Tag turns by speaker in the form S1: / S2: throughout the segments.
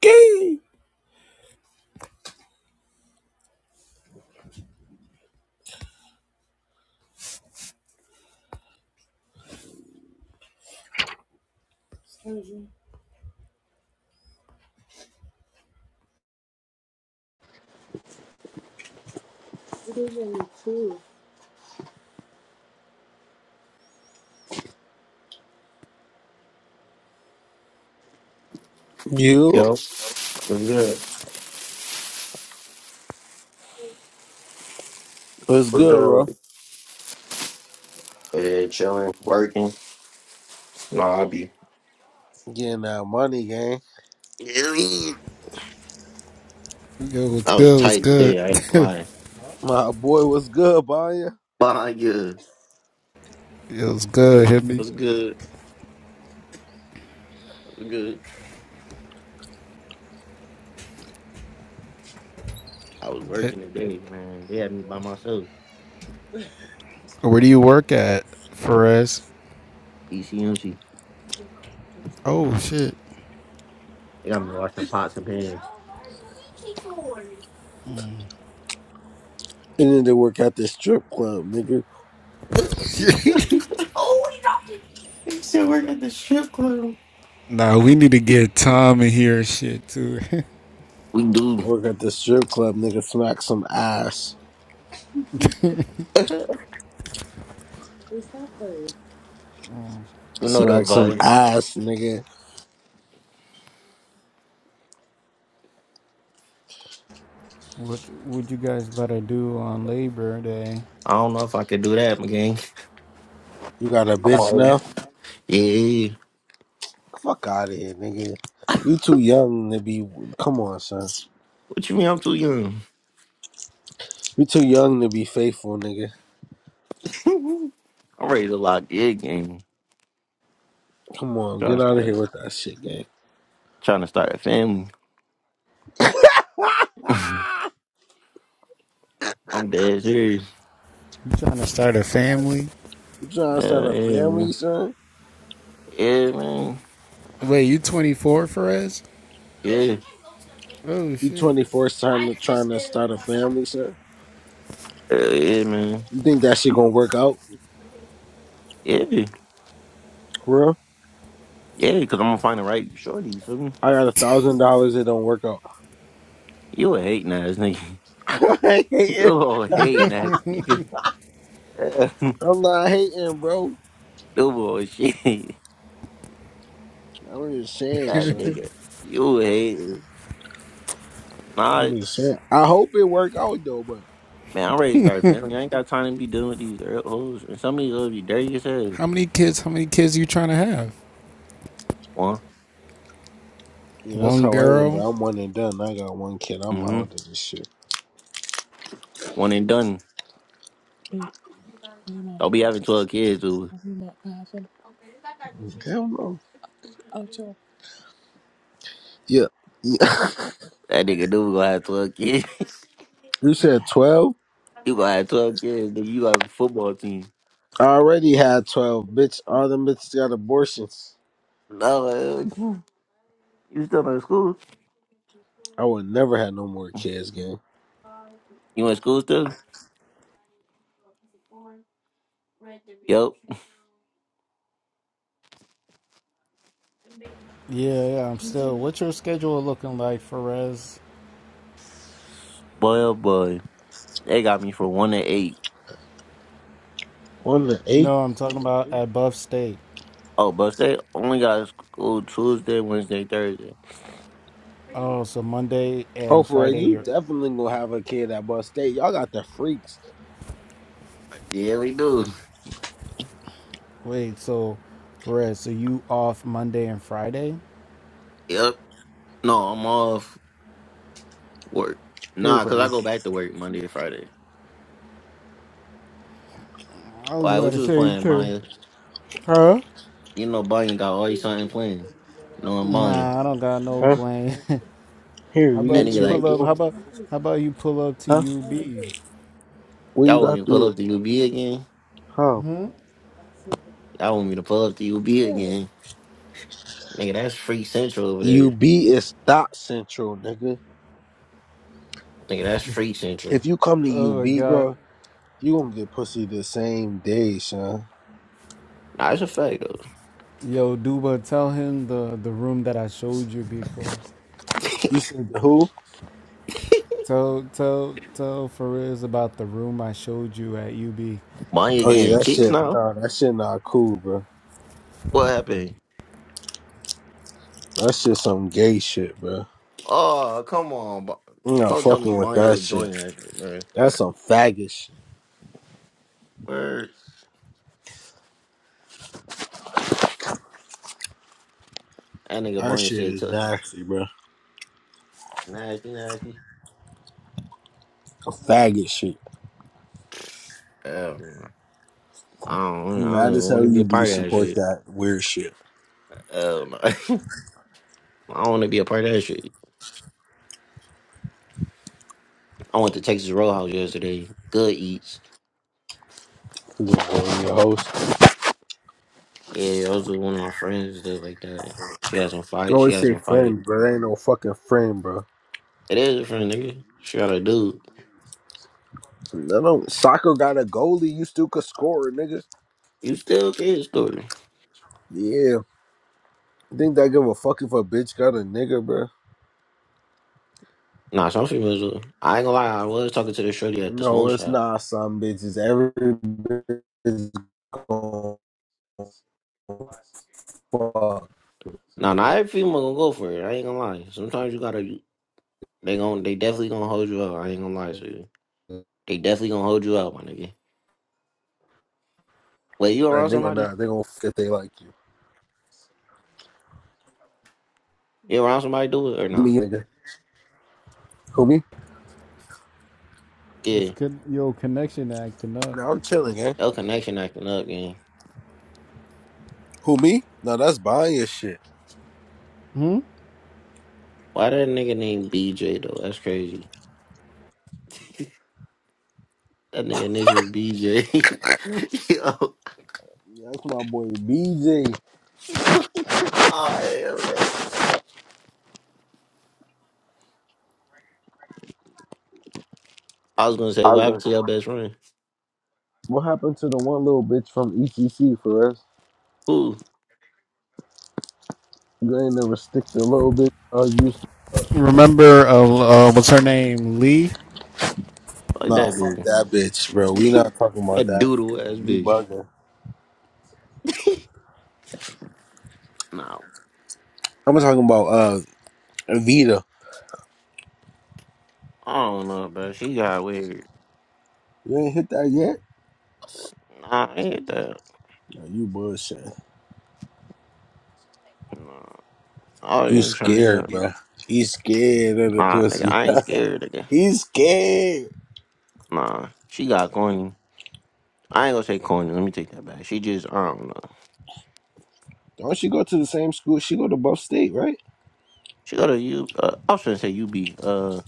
S1: Gang. You
S2: Yo, we're good.
S1: what's
S2: We're
S1: good,
S2: good with
S1: bro?
S2: it. Yeah, chilling, working. No, I be.
S1: Getting that money, gang.
S3: Yo, what's
S2: I was
S3: good? What's
S2: tight
S3: good?
S2: today. I ain't lying.
S1: My boy, what's good, Banya?
S2: But yeah, it
S3: Yo, what's good? Hit me.
S2: was good. It was good. I was
S3: That-
S2: working today, man. They had me by myself.
S3: Where do you work at, Perez?
S2: ECMC.
S3: Oh shit.
S2: They got me washing pots and pans.
S1: And then they work at the strip club, nigga.
S2: You still work at the strip club?
S3: Nah, we need to get Tom in here and shit too.
S2: We do.
S1: Work at the strip club, nigga. Smack some ass.
S2: you know the
S1: Smack some
S2: vibes.
S1: ass, nigga.
S3: what would you guys better do on Labor Day?
S2: I don't know if I could do that, my gang.
S1: You got a
S2: I'm
S1: bitch
S2: always-
S1: now?
S2: Yeah.
S1: Fuck out of here, nigga. You too young to be. Come on, son.
S2: What you mean? I'm too young.
S1: You too young to be faithful, nigga.
S2: I'm ready to lock the game.
S1: Come on,
S2: Trying
S1: get
S2: to
S1: out of here
S2: start,
S1: with that shit, gang.
S2: trying to start a family. I'm dead serious.
S3: You trying to start a family?
S1: you trying to start
S2: Yeah,
S1: a
S2: yeah,
S1: family,
S2: man.
S1: son?
S2: Yeah, man.
S3: Wait, you 24, Perez?
S2: Yeah.
S3: Oh
S1: You
S3: shit.
S1: 24 trying to trying to start a family, sir?
S2: Yeah, yeah, man.
S1: You think that shit gonna work out?
S2: Yeah.
S1: For real?
S2: Yeah, because I'm going to find the right shorty. You feel me?
S1: I got a thousand dollars, it don't work out.
S2: You a hating ass nigga.
S1: I ain't
S2: You
S1: hating.
S2: a hating ass nigga.
S1: I'm not hating, bro.
S2: No bullshit.
S1: I'm just saying,
S2: That
S1: son.
S2: nigga. You a hating. Nah,
S1: I'm just saying. I hope it work out though, but
S2: man, I'm ready to start a family. I ain't got time to be dealing with these er- hoes. And some of these hoes be dirty as hell.
S3: How many kids? How many kids you trying to have?
S2: One.
S1: yeah, that's
S3: One
S1: how I am,
S3: girl.
S1: bro. I'm one and done. I got one kid. I'm
S2: Mm-hmm.
S1: out of this shit.
S2: One and done. Don't be having 12 kids, dude.
S1: Hell no. Yeah. Yeah.
S2: That nigga dude gonna have 12 kids.
S1: You said twelve?
S2: you gonna have 12 kids, nigga. You have a football team.
S1: I already had twelve, bitch. All them bitches got abortions.
S2: No, uh, you still in school.
S1: I would never have no more kids, gang.
S2: You in school still? Yup.
S3: Yeah, yeah. I'm still. What's your schedule looking like, Perez?
S2: Boy, oh boy. They got me for 1 to 8.
S1: One to eight.
S3: No, I'm talking about at Buff State.
S2: Oh, but they only got school Tuesday, Wednesday, Thursday.
S3: Oh, so Monday
S1: Oh,
S3: and
S1: for real,
S3: Friday
S1: you
S3: you're
S1: definitely gonna have a kid at Bus State. Y'all got the freaks.
S2: Yeah, we do.
S3: wait, so Perez, so you off Monday and Friday?
S2: Yup. No, I'm off work.
S1: Here,
S2: Nah,
S1: for
S2: because I
S1: real.
S2: go back to work Monday and Friday.
S3: I was
S2: Why,
S3: about
S2: what
S3: to
S2: you was
S3: say
S2: playing,
S3: too.
S2: Banya?
S3: Huh?
S2: You know Banya got all your son playing. Knowing Banya.
S3: Nah, I don't got no
S1: Huh?
S3: plan.
S1: Here,
S3: how
S1: you
S2: That
S1: get
S3: about you
S2: nigga
S1: two
S3: pull
S1: of
S2: like,
S3: up
S1: your own.
S3: how about how about you pull up to
S1: Huh?
S3: UB?
S1: What you
S2: y'all want me
S1: got
S2: to
S1: through
S2: pull
S1: here?
S2: up the UB again?
S1: Huh?
S2: Y'all want me to pull up the UB again? Nigga, that's free central over there.
S1: UB is thought central, nigga.
S2: Nigga, that's free central.
S1: If you come to
S3: Oh my
S1: UB,
S3: god.
S1: bro, you gonna get pussy the same day, son.
S2: Nah, it's a fact though.
S3: Yo, Duba, tell him the, the room that I showed you before.
S1: You said the who?
S3: Tell tell tell Fariz about the room I showed you at UB.
S2: Bonnie
S1: Oh yeah,
S2: again.
S1: that
S2: Cheeks
S1: shit.
S2: now?
S1: Nah, that shit not cool, bro.
S2: What happened?
S1: That shit some gay shit, bro.
S2: Oh, come on. Bo-
S1: You not
S2: Don't tell me
S1: fucking with
S2: Bonnie
S1: that
S2: was
S1: shit.
S2: joining that shit, bro.
S1: That's some faggot shit.
S2: Word. That nigga
S1: That
S2: Bonnie
S1: shit
S2: said,
S1: is
S2: t-
S1: nasty, bro.
S2: nasty, nasty.
S1: Some faggot shit.
S2: Hell no. I don't,
S1: I'm
S2: I don't
S1: mad
S2: even
S1: as
S2: want
S1: hell
S2: to be a
S1: you be
S2: part of that
S1: support
S2: shit.
S1: that weird shit.
S2: Hell no. I don't want to be a part of that shit. I went to Texas Roadhouse yesterday. Good eats.
S1: You know, your host.
S2: Yeah, I was with one of my friends and stuff like that. She has some
S1: You
S2: fight. She
S1: always
S2: has
S1: say
S2: some fight.
S1: friend, bro. That ain't no fucking friend, bro.
S2: It is a friend, nigga. She got a dude.
S1: No, no. Soccer got a goalie. You still could score, nigga.
S2: You still kid story.
S1: Yeah. think that give a fuck if a bitch got a nigga, bro.
S2: Nah, some females will. I ain't gonna lie. I was talking to the shorty at the
S1: No,
S2: smoke
S1: it's
S2: shop.
S1: not some bitches. Every bitch is gonna fuck.
S2: Nah,
S1: nigga.
S2: not every female gonna go for it. I ain't gonna lie. Sometimes you gotta. They gon' They definitely gonna hold you up. I ain't gonna lie to you. They definitely gonna hold you up, my nigga. Wait, you
S1: A
S2: around
S1: nigga or
S2: somebody?
S1: not, they gonna fuck if they like you.
S2: You around somebody do it or not?
S1: Me,
S2: Nah?
S1: nigga. Who, me?
S2: Yeah.
S3: It's good yo connection acting up.
S1: No, I'm chilling, eh?
S2: Your connection acting up, gang.
S1: Who, me? No, that's buying your shit.
S2: Why that nigga named BJ though? That's crazy. That nigga initials BJ. Yo.
S1: Yeah, That's my boy BJ.
S2: Oh, hell no. I was gonna say,
S1: I
S2: what
S1: was
S2: happened to
S1: gonna.
S2: your best friend?
S1: What happened to the one little bitch from ECC for us?
S2: Who?
S1: You ain't never stick to little bitch. I used to. her.
S3: Remember uh, uh what's her name? Lee?
S2: Fuck
S1: Nah,
S2: that
S1: fuck
S2: bitch.
S1: that bitch, bro. We not talking about
S2: That
S1: that. Bitch,
S2: doodle
S1: bro.
S2: ass
S1: You
S2: bitch.
S1: bugging.
S2: No.
S1: I'm talking about uh Vita.
S2: I don't know, bro. She got weird.
S1: You ain't hit that yet?
S2: Nah, I ain't that.
S1: No, you bullshit.
S2: Nah. I ain't
S1: You
S2: even trying to hear.
S1: scared, bro. He's scared of the
S2: Nah, nigga,
S1: pussy.
S2: I ain't scared nigga.
S1: He's scared.
S2: Nah. She got corny. I ain't gonna say corny. Let me take that back. She just, I don't know.
S1: Don't she go to the same school? She go to Buff State, right?
S2: She got a U. Uh, I was gonna say UB. Uh,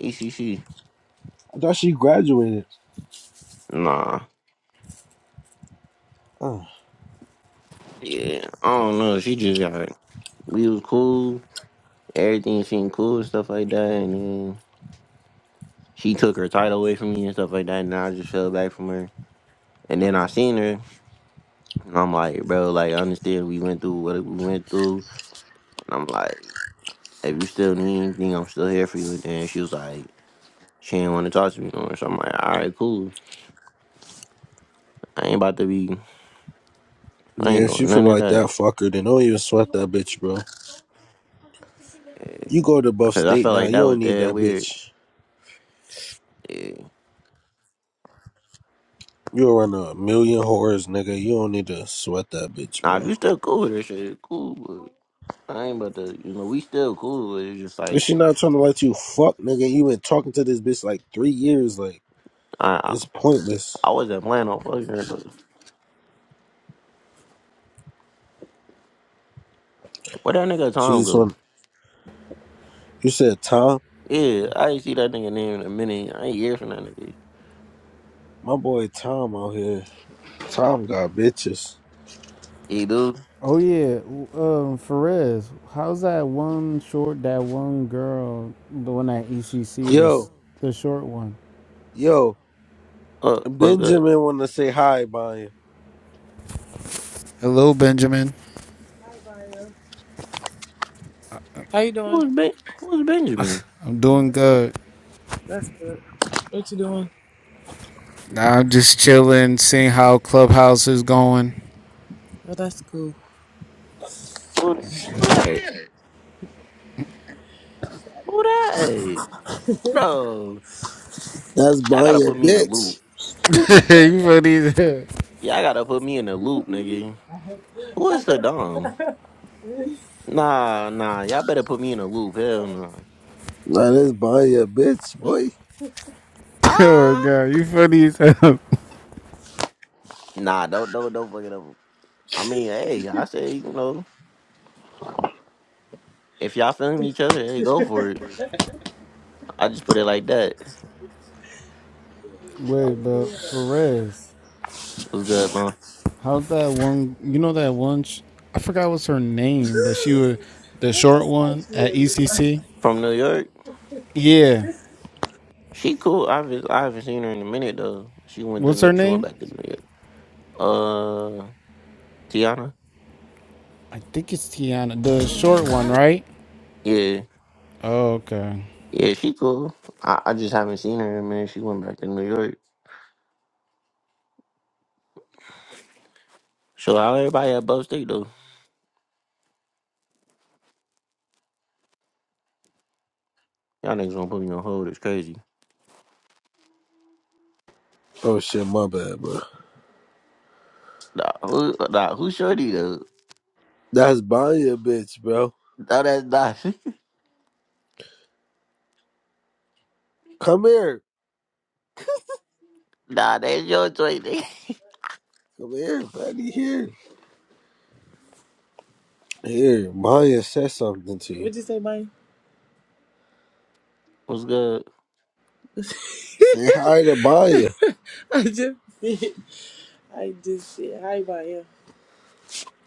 S2: ECC.
S1: I thought she graduated.
S2: Nah.
S1: Oh.
S2: Yeah. I don't know. She just got. We was cool. everything seemed cool and stuff like that. And then she took her title away from me and stuff like that. And I just fell back from her. And then I seen her, and I'm like, bro, like I understand we went through what we went through. And I'm like, if you still need anything, I'm still here for you. And then she was like, she didn't want to talk to me no more. So I'm like, all right, cool. I ain't about to be, I
S1: Yeah,
S2: ain't
S1: if she
S2: doing
S1: feel
S2: none of
S1: like that,
S2: that.
S1: fuck her. Then don't even sweat that bitch, bro.
S2: Yeah.
S1: You go to Buff
S2: Cause I
S1: State
S2: felt
S1: now.
S2: like
S1: You
S2: that
S1: don't
S2: was
S1: need
S2: dead
S1: that
S2: weird.
S1: bitch.
S2: Yeah.
S1: You'll run a million whores, nigga. You don't need to sweat that bitch,
S2: Now if
S1: bro.
S2: you still cool with her, shit, cool. But I ain't about to, you know, we still cool. But it's just
S1: If
S2: like.
S1: she not trying to let you fuck, nigga, you been talking to this bitch like three years. Like
S2: I.
S1: it's pointless.
S2: I wasn't planning on fucking her though. Where that nigga
S1: She
S2: Tom
S1: just
S2: go?
S1: want. You said Tom,
S2: Yeah, I ain't see that nigga name in a minute. I ain't hear from that nigga.
S1: my boy Tom out here. Tom got bitches.
S2: Hey dude,
S3: Oh yeah, w- um, Ferez, how's that one short? That one girl, the one at ECC, the s-
S1: Yo,
S3: the short one.
S1: yo,
S2: uh, what's good?
S1: Benjamin want to say hi, Banya.
S3: Hello, Benjamin.
S2: Who's Ben? Who's Benjamin?
S3: I'm doing good. I'm just chilling, seeing how Clubhouse is going.
S2: Who? Who
S3: Yeah.
S2: that? Who that? Hold on.
S1: That's
S2: Y'all gotta
S1: Banya,
S2: put me in a loop.
S1: bitch.
S3: you funny as hell.
S2: Y'all gotta put me in a loop, nigga. Who is Saddam? Nah, nah. Y'all better put me in a loop. Hell nah.
S1: Nah, that's Banya, bitch, boy.
S3: Oh, my
S2: Ah.
S3: God. You funny as hell.
S2: Nah, don't, don't, don't fuck it up. I mean, hey, I say, you know, if y'all feeling each other, hey, go for it. I just put it like that.
S3: Wait, but Ferez,
S2: What's good, man?
S3: how's that one? You know that one? Sh- I forgot what's her name, but she was the short one at ECC.
S2: From New York?
S3: Yeah,
S2: She cool. I haven't, I haven't seen her in a minute though. She went to
S3: what's
S2: New-
S3: her
S2: she went
S3: name?
S2: back to New York. Uh, Tiana?
S3: I think it's Tiana, the short one, right?
S2: Yeah,
S3: Oh, okay.
S2: yeah, she cool. I, I just haven't seen her in a minute. She went back to New York. So how everybody at Buff State though? Y'all niggas gonna put me on hold? It's crazy.
S1: Oh shit, my bad, bro.
S2: Nah, who, nah, who shorty though?
S1: That's Banya, bitch, bro.
S2: Nah, that's not.
S1: Come here.
S2: Nah, that's your choice. nigga.
S1: Come here, buddy. Here. Here. Maya said something to you.
S2: What's good?
S1: Say hi to Maya.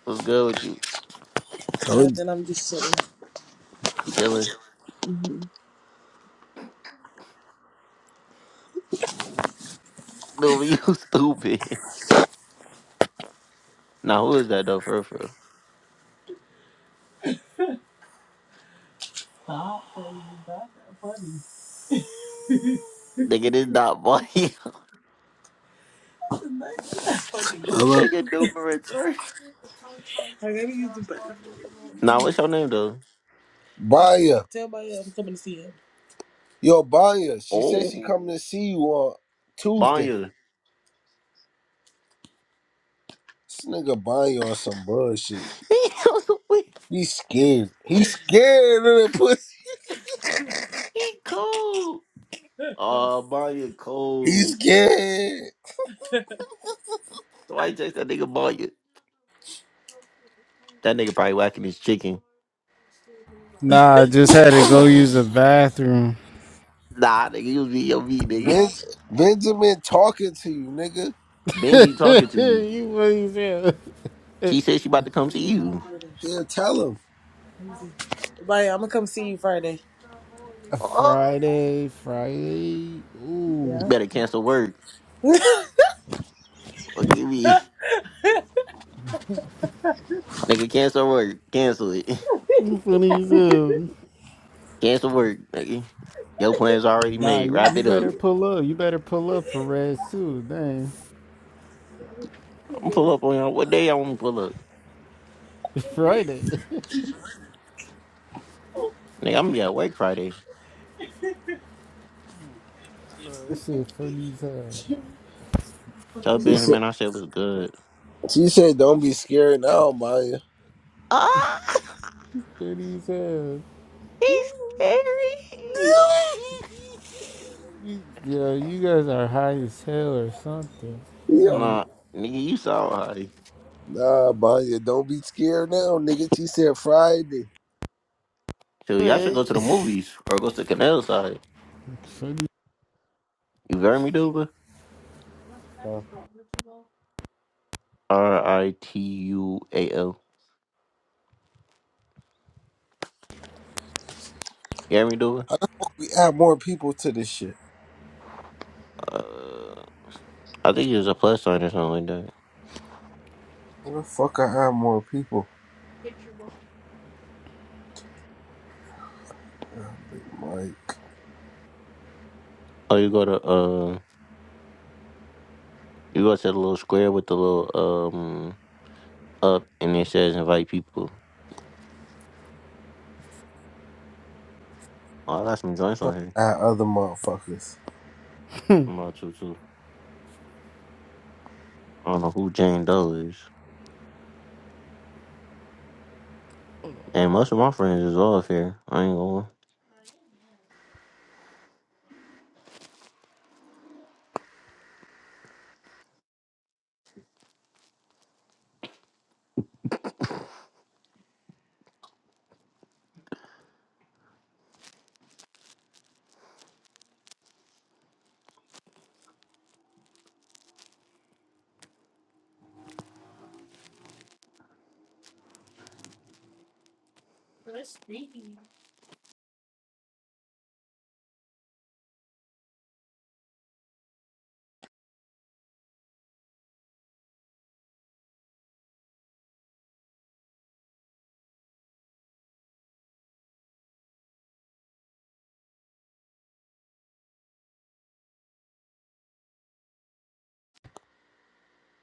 S2: What's good with you?
S1: Told
S2: You chilling? No, you stupid. Nah, who is that though? For real, for real? Nigga, this not boy. This
S1: Hello.
S2: nigga numerate, sir. Nah, what's your name though?
S1: Baya. Yo, Baya. She said she
S2: Oh,
S1: coming to see you on Tuesday.
S2: Banya.
S1: This nigga Baya on some bullshit.
S2: He was weak.
S1: He's scared. He's scared of the pussy.
S2: he cold. Oh, Banya
S1: He's
S2: cold.
S1: scared.
S2: So why you text that nigga Banya? That nigga probably whacking his chicken.
S3: Nah, I just had to go use the bathroom.
S2: Nah, nigga, you be your meat, nigga.
S1: Ben- Benjamin talking to you, nigga.
S2: Benji talking to you.
S3: you what you said?
S2: She said she about to come see you.
S1: Yeah, tell him.
S2: Oh,
S3: Friday, Friday. Ooh,
S2: you better cancel work. Or give me, nigga, cancel work. Cancel it.
S3: you funny as hell.
S2: Cancel work, nigga. Your plan's already
S3: Nah,
S2: made.
S3: you,
S2: Wrap
S3: you
S2: it up.
S3: better pull up. You better pull up for Reds too. Dang,
S2: I'm pull up on y'all. What day y'all want me to pull up?
S3: Friday. that
S2: Nigga, I'm gonna be at work Friday.
S3: shit funny as hell.
S2: Tell
S1: She said,
S2: Benjamin I said was good.
S1: she said, don't be scared now, Baya.
S2: Ah,
S3: Funny as hell.
S2: he's scary.
S3: You, yeah, you guys are high as hell or something.
S2: Nah, nigga, you saw how he.
S1: Nah, Banya, don't be scared now, nigga. She said Friday.
S2: So y'all should go to the movies or go to canal side.
S3: Funny.
S2: You hear me, Duba?
S1: Huh?
S2: R I T U A L. You hear me, Duba?
S1: How the fuck we add more people to this shit?
S2: Uh, I think it's a plus sign or something like that.
S1: Where the fuck I add more people? Big Mike.
S2: Oh, you go to uh, you go to the little square with the little um up, and it says invite people. Oh, I got some joints
S1: Tryna
S2: on here.
S1: Add other motherfuckers.
S2: I'm about to too. I don't know who Jane Doe is. And most of my friends is off here. I ain't going.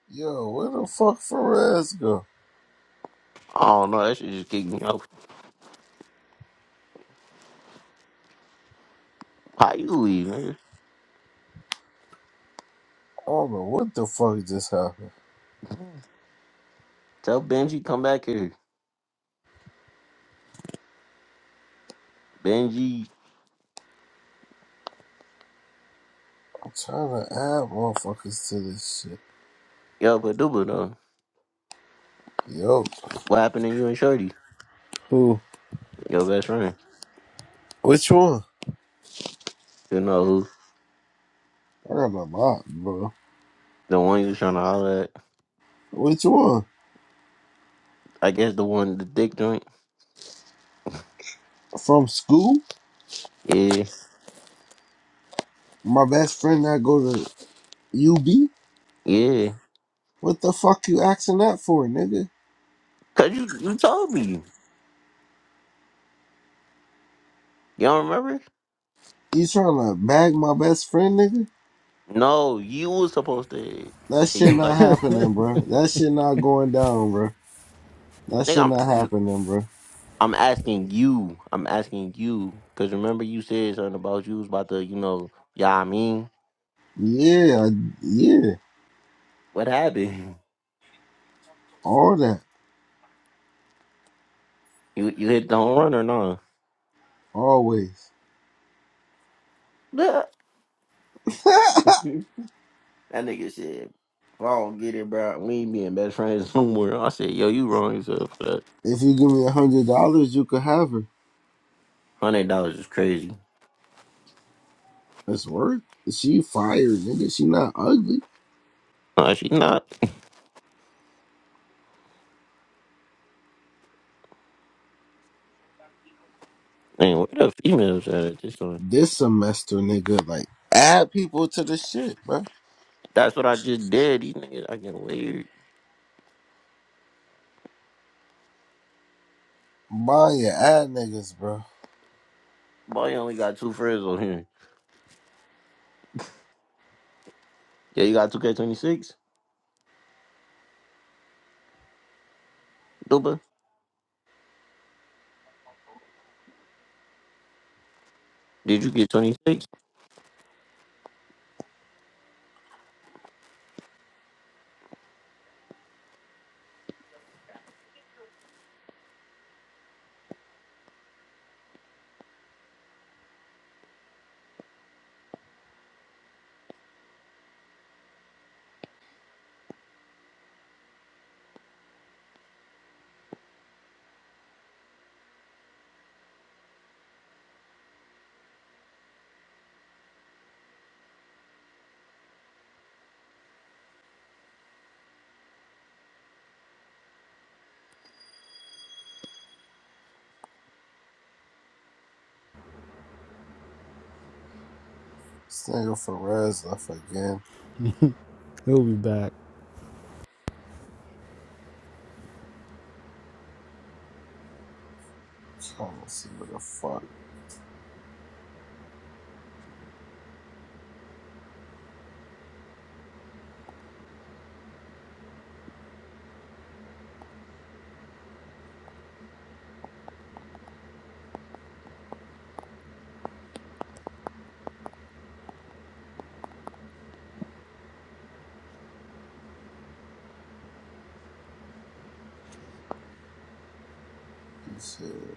S1: Yo, where the fuck Ferez go?
S2: I don't know. That shit just kicked me off. How you leave, nigga?
S1: I don't know what the fuck just happened.
S2: Tell Benji come back here. Benji,
S1: I'm trying to add motherfuckers to this shit.
S2: yo, but duba though.
S1: Yo.
S2: What happened to you and Shorty?
S1: Who?
S2: Your best friend.
S1: Which one?
S2: You know who?
S1: I got a lot, bro.
S2: The one you was trying to holler at.
S1: Which one?
S2: I guess the one, the dick joint.
S1: From school?
S2: Yeah,
S1: My best friend that go to UB?
S2: yeah.
S1: What the fuck you asking that for, nigga?
S2: Cause you, you told me. You don't remember?
S1: You trying to bag my best friend, nigga?
S2: No, you was supposed to.
S1: That
S2: And
S1: shit
S2: you was
S1: not
S2: like,
S1: happening, bro. That shit not going down, bro. That shit
S2: nigga,
S1: not
S2: I'm.
S1: happening, bro.
S2: I'm asking you. I'm asking you. Cause remember you said something about you was about to, you know, yeah, I mean,
S1: Yeah, I- yeah,
S2: what happened?
S1: all that,
S2: You you hit the home run or no?
S1: always.
S2: Nah. that nigga said, if I don't get it, bro, we ain't being best friends no more. I said, yo, you wrong yourself for that.
S1: If you give me a hundred dollars, you could have her.
S2: Hundred dollars is crazy.
S1: That's worth. She fired, nigga. She not ugly.
S2: No, she not. Man, where the females at at this one?
S1: This semester, nigga, like add people to the shit, bro.
S2: That's what I just did. These niggas acting weird.
S1: Mind your ad niggas, bro.
S2: Boy, you only got two friends on here. Yeah, you got two K twenty six, Duba. Did you get twenty six?
S1: This nigga Perez left again.
S3: He'll be back.
S1: Trying to see what the fuck he said.